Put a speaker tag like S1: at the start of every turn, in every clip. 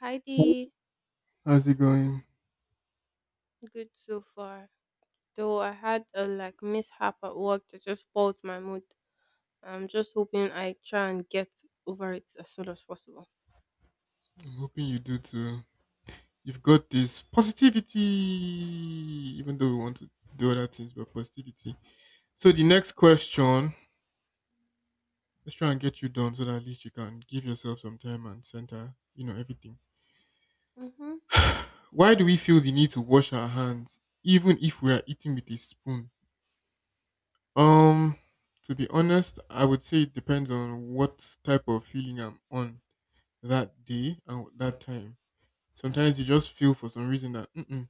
S1: Heidi,
S2: How's it going?
S1: good so far. Though I had a mishap at work that just spoiled my mood. I'm just hoping I try and get over it as soon as possible.
S2: I'm hoping you do too. You've got this positivity, even though we want to do other things, but positivity. So the next question, let's try and get you done so that at least you can give yourself some time and center, everything.
S1: Hmm
S2: Why do we feel the need to wash our hands even if we are eating with a spoon? Um, to be honest, I would say it depends on what type of feeling I'm on that day and that time. Sometimes you just feel for some reason that "Mm-mm,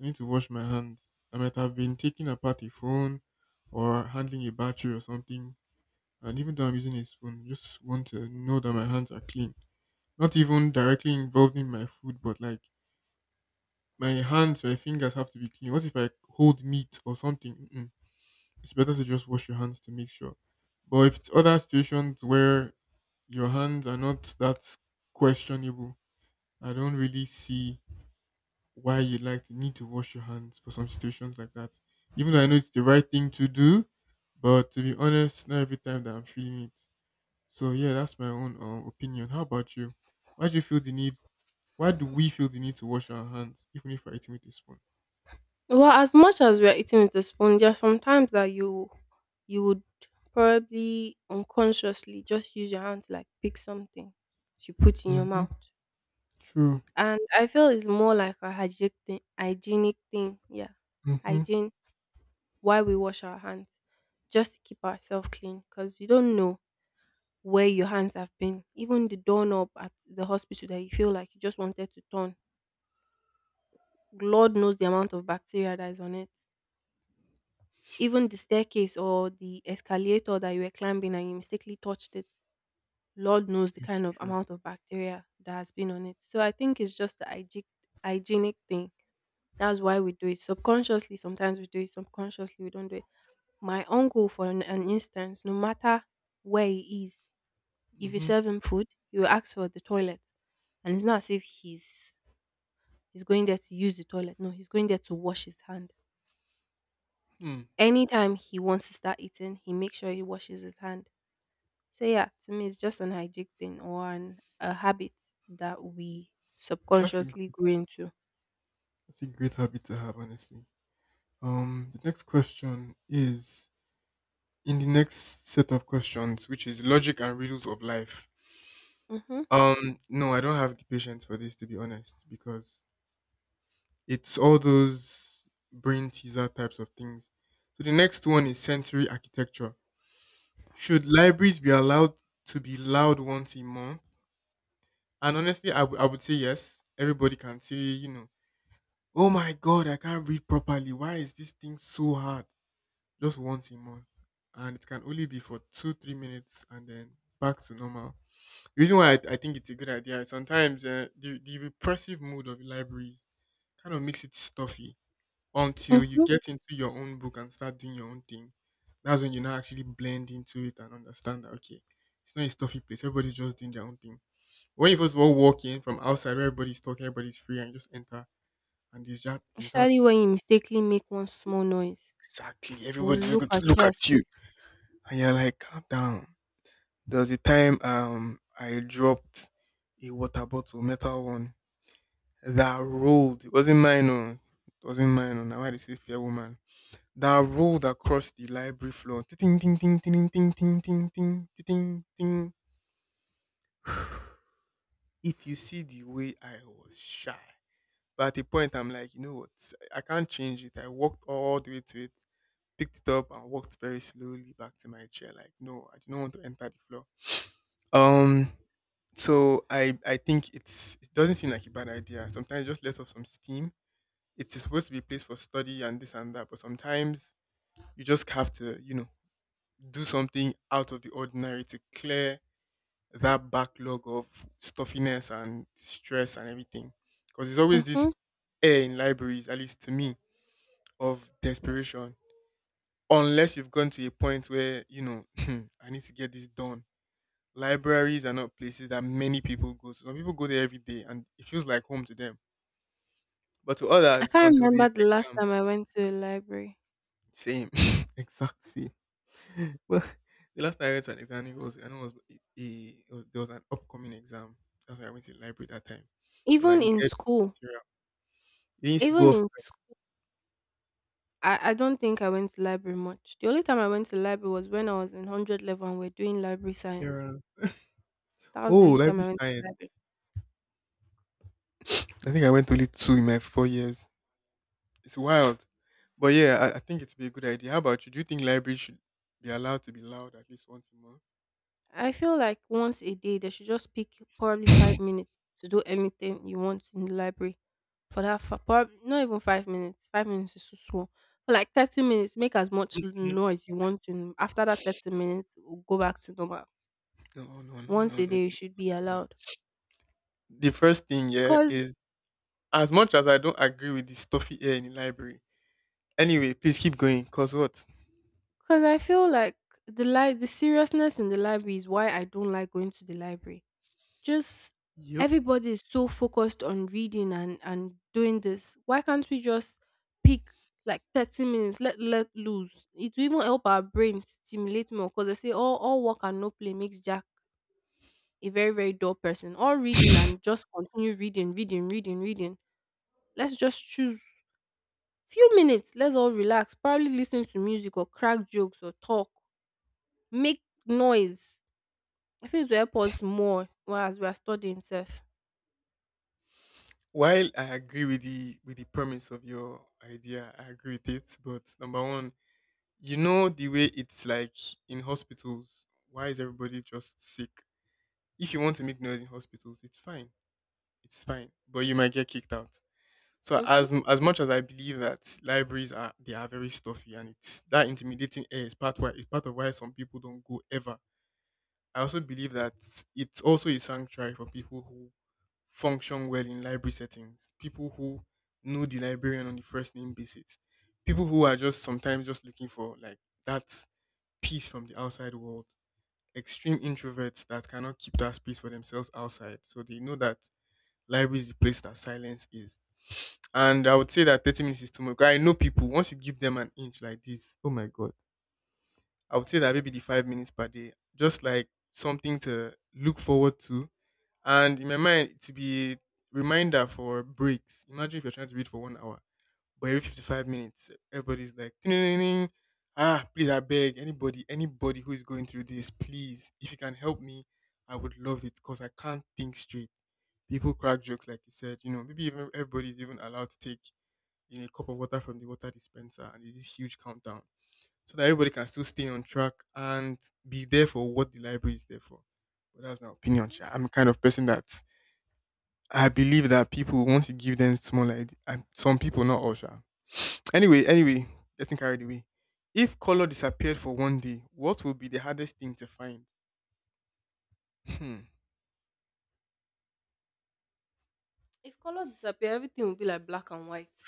S2: I need to wash my hands. I might have been taking apart a phone or handling a battery or something. And even though I'm using a spoon, I just want to know that my hands are clean. Not even directly involved in my food, but like my hands, my fingers have to be clean. What if I hold meat or something? Mm-mm. It's better to just wash your hands to make sure. But if it's other situations where your hands are not that questionable, I don't really see why you like the need to wash your hands for some situations like that. Even though I know it's the right thing to do, but to be honest, not every time that I'm feeling it. So yeah, that's my own opinion. How about you? Why do you feel the need? Why do we feel the need to wash our hands, even if we're eating with a spoon?
S1: Well, as much as we're eating with a spoon, there are sometimes that you would probably unconsciously just use your hand to like pick something to put in your
S2: Mm-hmm.
S1: mouth.
S2: True.
S1: And I feel it's more like a hygienic thing, yeah,
S2: Mm-hmm.
S1: hygiene why we wash our hands just to keep ourselves clean because you don't know where your hands have been. Even the doorknob at the hospital that you feel like you just wanted to turn, Lord knows the amount of bacteria that is on it. Even the staircase or the escalator that you were climbing and you mistakenly touched it, Lord knows the
S2: It's
S1: kind of
S2: true.
S1: amount of bacteria that has been on it. So I think it's just the hygienic thing. That's why we do it. Subconsciously, sometimes we do it. Subconsciously, we don't do it. My uncle, for an instance, no matter where he is, if you
S2: Mm-hmm.
S1: serve him food, he will ask for the toilet. And it's not as if he's going there to use the toilet. No, he's going there to wash his hand.
S2: Hmm.
S1: Anytime he wants to start eating, he makes sure he washes his hand. So yeah, to me it's just an hygienic thing or a habit that we
S2: That's a gr-
S1: subconsciously grow into.
S2: that's a great habit to have, honestly. The next question is in the next set of questions, which is logic and riddles of life.
S1: Mm-hmm.
S2: No, I don't have the patience for this to be honest, because it's all those brain teaser types of things. So the next one is sensory architecture. Should libraries be allowed to be loud once a month? And honestly, I would say yes. Everybody can say, oh my God, I can't read properly. Why is this thing so hard? Just once a month. And it can only be for two, 3 minutes and then back to normal. The reason why I think it's a good idea is sometimes the repressive mood of libraries kind of makes it stuffy until you
S1: Mm-hmm.
S2: get into your own book and start doing your own thing. That's when you now actually blend into it and understand that, okay, it's not a stuffy place. Everybody's just doing their own thing. When you first of all walk in from outside, where everybody's talking, everybody's free, and you just enter, and there's that, there's that
S1: Especially when you mistakenly make one small noise.
S2: exactly.
S1: They'll
S2: Everybody's just
S1: look
S2: going to
S1: at you
S2: look
S1: as
S2: at you.
S1: if.
S2: And you're like, calm down. There was a time I dropped a water bottle, metal one that rolled. It wasn't mine, oh. It wasn't mine, oh. Now why they say fair woman. That rolled across the library floor. Ting ting ting ting ting ting ting ting ting ting. If you see the way I was shy, but at the point I'm like, you know what? I can't change it. I walked all the way to it, picked it up, and walked very slowly back to my chair. Like, no, I do not want to enter the floor. Um. So I think it doesn't seem like a bad idea. Sometimes just let off some steam it's supposed to be a place for study and this and that, but sometimes you just have to, do something out of the ordinary to clear that backlog of stuffiness and stress and everything. Because there's always this
S1: Mhm.
S2: air in libraries, at least to me, of desperation. Unless you've gone to a point where, I need to get this done. Libraries are not places that many people go to. Some people go there every day and it feels like home to them. But to
S1: I
S2: others,
S1: can't
S2: until this
S1: remember the last
S2: exam,
S1: time I went to a library.
S2: same, exact same. Well, the last time I went to an exam, it was I know it was, it was there was an upcoming exam. That's why I went to the library that time because I
S1: Even in
S2: needed
S1: school,
S2: material. They used to go
S1: even
S2: off
S1: in I don't think I went to library much. The only time I went to library was when I was in 100 level and we're doing library science.
S2: materials.
S1: That was the
S2: Oh,
S1: only time
S2: library
S1: I went to
S2: science.
S1: library.
S2: I think I went only two in my 4 years. It's wild, but yeah, I think it'd be a good idea. How about you? Do you think libraries should be allowed to be loud at least once a month?
S1: I feel like once a day they should just pick probably 5 minutes to do anything you want in the library. For that, for probably not even 5 minutes. 5 minutes is too small. For like 30 minutes, make as much
S2: Mhm.
S1: noise you want to. After that 30 minutes, go back to normal.
S2: No, no, no,
S1: Once
S2: no,
S1: a
S2: no,
S1: day, you should be
S2: no.
S1: allowed.
S2: The first thing, yeah,
S1: Cause,
S2: is as much as I don't agree with the stuffy air in the library. Anyway, please keep going. Cause what?
S1: cause I feel like the seriousness in the library is why I don't like going to the library. Just
S2: Yup.
S1: everybody is so focused on reading and doing this. Why can't we just pick like 30 minutes? Let loose. It will even help our brain stimulate more. Cause they say all work and no play makes Jack a very dull person. All reading and just continue reading, reading, reading, reading. Let's just choose few minutes. Let's all relax. Probably listen to music or crack jokes or talk make noise. I feel it will help us more while as we are studying sef.
S2: While I agree with the premise of your idea, I agree with it. But number one, you know the way it's like in hospitals. Why is everybody just sick? If you want to make noise in hospitals, it's fine. It's fine, but you might get kicked out. So
S1: Mhm,
S2: as much as I believe that libraries are very stuffy and it's that intimidating air is part of why some people don't go ever. I also believe that it's also a sanctuary for people who function well in library settings, people who know the librarian on the first name basis, people who are just sometimes just looking for like that peace from the outside world, extreme introverts that cannot keep that space for themselves outside. So they know that library is the place that silence is. And I would say that 30 minutes is too much. 'Cause I know people, once you give them an inch like this, oh my God. I would say that maybe the 5 minutes per day, just like something to look forward to and in my mind, it will be a reminder for breaks. Imagine if you're trying to read for 1 hour, but every 55 minutes, everybody's like, "Ding-ding-ding-ding. Ah, please, I beg anybody, anybody who is going through this, please, if you can help me, I would love it because I can't think straight. People crack jokes, like you said, you know, maybe even everybody's even allowed to take in a cup of water from the water dispenser and there's this huge countdown so that everybody can still stay on track and be there for what the library is there for. But that's my opinion.
S1: mhm.
S2: Sha. I'm the kind of person that I believe that people want to give them small idea, and some people not all sure. Anyway, anyway, getting carried away. If color disappeared for one day, what would be the hardest thing to find? Hmm.
S1: If color disappear, everything will be like black and white.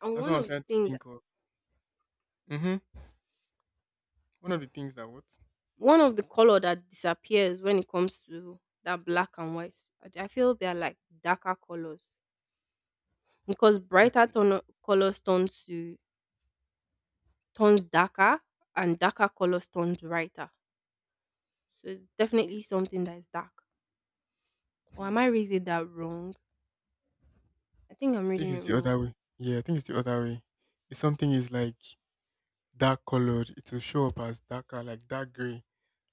S1: And
S2: That's what I'm trying to think of. Mm-hmm. One of the things that what
S1: one of the color that disappears when it comes to that black and white, I feel they are like darker colors because brighter
S2: definitely.
S1: turn colors turn to turns darker and darker colors turns brighter. So it's definitely something that is dark. Or
S2: Hmm.
S1: am I reading that wrong? I think I'm
S2: I think
S1: reading it
S2: it's the
S1: wrong.
S2: other way. Yeah, I think it's the other way. If something is like dark colored, it will show up as darker, like dark gray.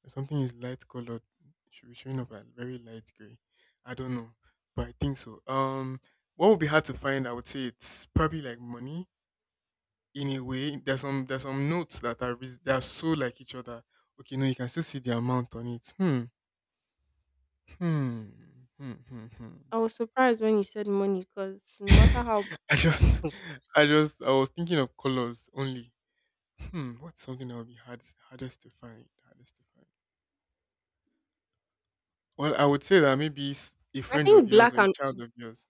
S2: If something is light colored, it should be showing up as very light gray. I don't know, but I think so. What would be hard to find? I would say it's probably like money in a way. There's some notes that they are so like each other. Okay, no, you can still see the amount on it. Hmm, hmm, hmm, hmm, hmm.
S1: I was surprised when you said money because no matter how
S2: I just, I was thinking of colors only. Hmm, what's something that would be hardest to find? Hardest to find. Well, I would say that maybe a
S1: I
S2: friend of
S1: think
S2: yours
S1: black
S2: or a
S1: and
S2: child of yours.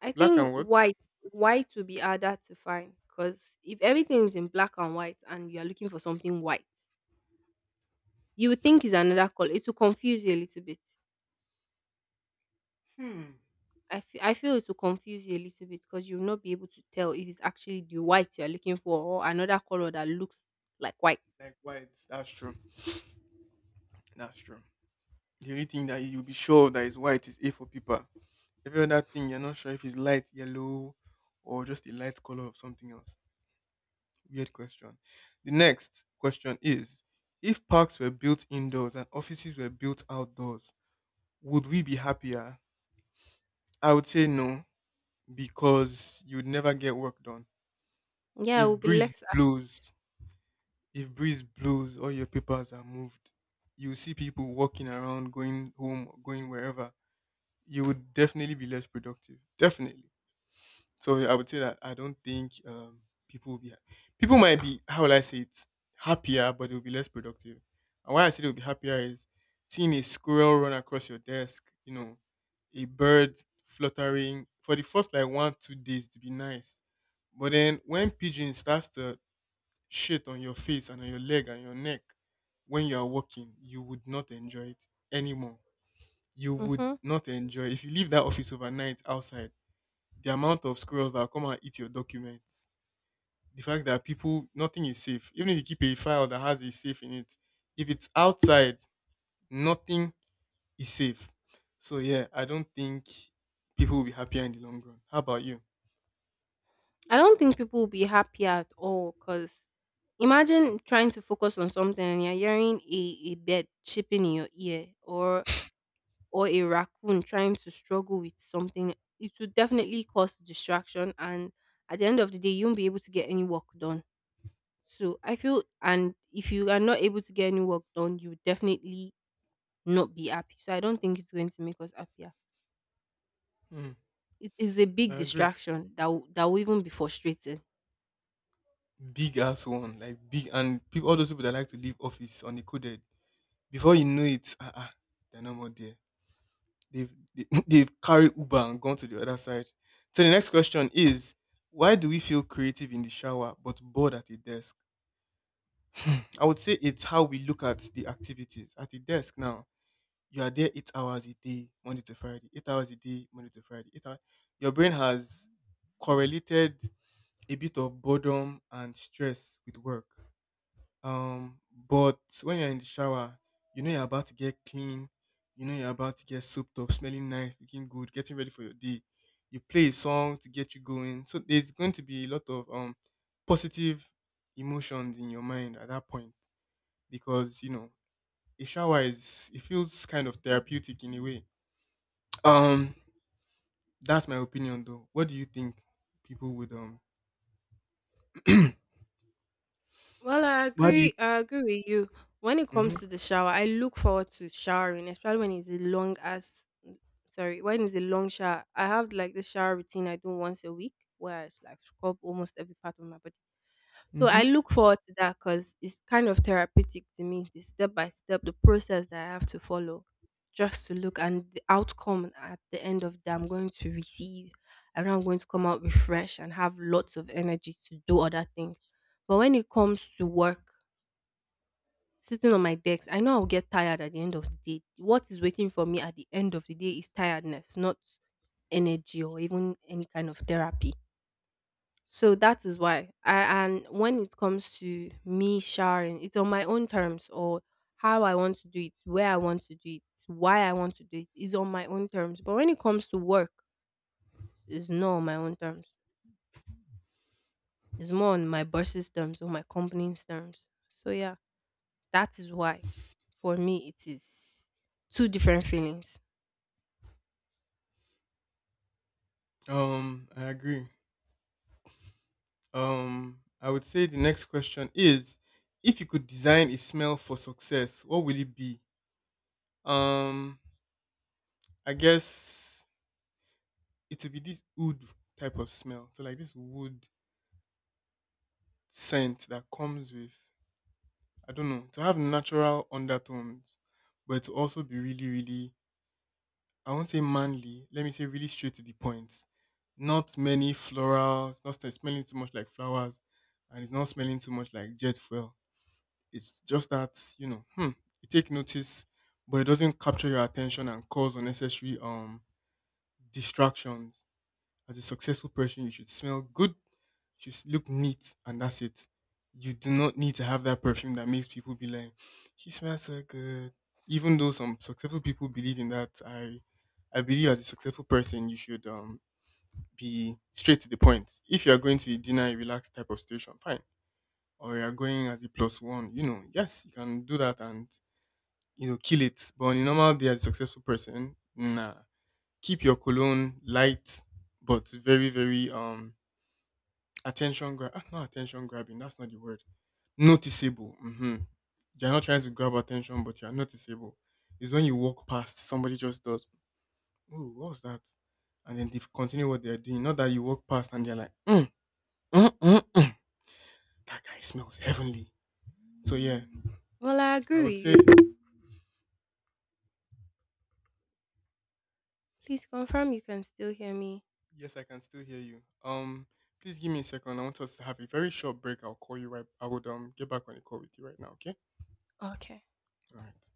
S1: I
S2: Black and
S1: think
S2: what?
S1: white white will be harder to find because if everything is in black and white and you are looking for something white, you would think it's another color. It will confuse you a little bit.
S2: Hmm.
S1: I feel it will confuse you a little bit because you will not be able to tell if it's actually the white you are looking for or another color that looks like white.
S2: Like white. That's true. That's true. The only thing that you'll be sure that is white is A for paper. Every other thing you're not sure if it's light yellow or just a light color of something else. Weird question. The next question is if parks were built indoors and offices were built outdoors, would we be happier? I would say no, because you'd never get work done.
S1: Yeah, it
S2: If
S1: will be
S2: breeze
S1: less active.
S2: blows If breeze blows, all your papers are moved. You see people walking around, going home, or going wherever. You would definitely be less productive. Definitely. So yeah, I would say that I don't think people will be. People might be how will I say it happier, but they'll be less productive. And why I say they'll be happier is seeing a squirrel run across your desk. You know, a bird fluttering for the first like 1 to 2 days to be nice. But then when pigeon starts to shit on your face and on your leg and your neck when you are walking, you would not enjoy it anymore. You would
S1: Mm-hmm.
S2: not enjoy if you leave that office overnight outside. The amount of squirrels that will come and eat your documents, the fact that people nothing is safe. Even if you keep a file that has a safe in it, if it's outside, nothing is safe. So yeah, I don't think people will be happier in the long run. How about you?
S1: I don't think people will be happy at all because imagine trying to focus on something and you're hearing a bird chirping in your ear or a raccoon trying to struggle with something. It would definitely cause distraction and at the end of the day you won't be able to get any work done. So I feel and if you are not able to get any work done, you will definitely not be happy. So I don't think it's going to make us happier.
S2: Hmm,
S1: It is a
S2: I
S1: big
S2: agree.
S1: distraction that will even be frustrating.
S2: Big ass one, like big, and people, all those people that like to leave office on the uncoded, before you know it, they're no more there. They've carried Uber and gone to the other side. So the next question is, why do we feel creative in the shower but bored at the desk? I would say it's how we look at the activities at the desk. Now you are there 8 hours a day, Monday to Friday. 8 hours a day, Monday to Friday. 8 hours. Your brain has correlated a bit of boredom and stress with work. But when you're in the shower, you know you're about to get clean, you know you're about to get souped up, smelling nice, looking good, getting ready for your day. You play a song to get you going. So there's going to be a lot of positive emotions in your mind at that point, because you know a shower is, it feels kind of therapeutic in a way. Um, that's my opinion though. What do you think people would?
S1: Well, I
S2: What do you?
S1: agree. I agree with you. When it
S2: Mm-hmm,
S1: comes to the shower, I look forward to showering, especially when it's a long as sorry, when it's a long shower. I have like the shower routine I do once a week where I like scrub almost every part of my body. So
S2: mm-hmm.
S1: I look forward to that because it's kind of therapeutic to me, the step by step, the process that I have to follow just to look and the outcome at the end of that I'm going to receive. I know I'm going to come out refreshed and have lots of energy to do other things. But when it comes to work, sitting on my desk, I know I'll get tired at the end of the day. What is waiting for me at the end of the day is tiredness, not energy or even any kind of therapy. So that is why. And when it comes to me showering, it's on my own terms or how I want to do it, where I want to do it, why I want to do it is on my own terms. But when it comes to work, it's not on my own terms. It's more on my boss's terms or my company's terms. So yeah, that is why for me it is two different feelings.
S2: I agree. I would say the next question is, if you could design a smell for success, what will it be? Um, I guess it would be this wood type of smell. So like this wood scent that comes with, I don't know, to have natural undertones, but to also be really, really, I won't say manly, let me say really straight to the point. Not many florals, not smelling too much like flowers, and it's not smelling too much like jet fuel. It's just that, you know, you take notice, but it doesn't capture your attention and cause unnecessary distractions. As a successful person, you should smell good, you should look neat, and that's it. You do not need to have that perfume that makes people be like, "He smells so good." Even though some successful people believe in that, I believe as a successful person, you should be straight to the point. If you are going to a dinner, a relaxed type of situation, fine, or you are going as a plus one, you know, yes, you can do that and, you know, kill it. But on a normal day as a successful person, nah. Keep your cologne light but very, very, attention grab, not attention grabbing, that's not the word. Noticeable. Mm-hmm. You're not trying to grab attention, but you're noticeable. It's when you walk past, somebody just does, ooh, what was that? And then they continue what they're doing. Not that you walk past and they're like, mm, mm, mm. that guy smells heavenly. So yeah,
S1: Well, I
S2: I
S1: agree
S2: would
S1: with
S2: say.
S1: you. Please confirm you can still hear me.
S2: Yes, I can still hear you. Please give me a second. I want us to have a very short break. I'll call you right. I would get back on the call with you right now. Okay.
S1: Okay.
S2: All right.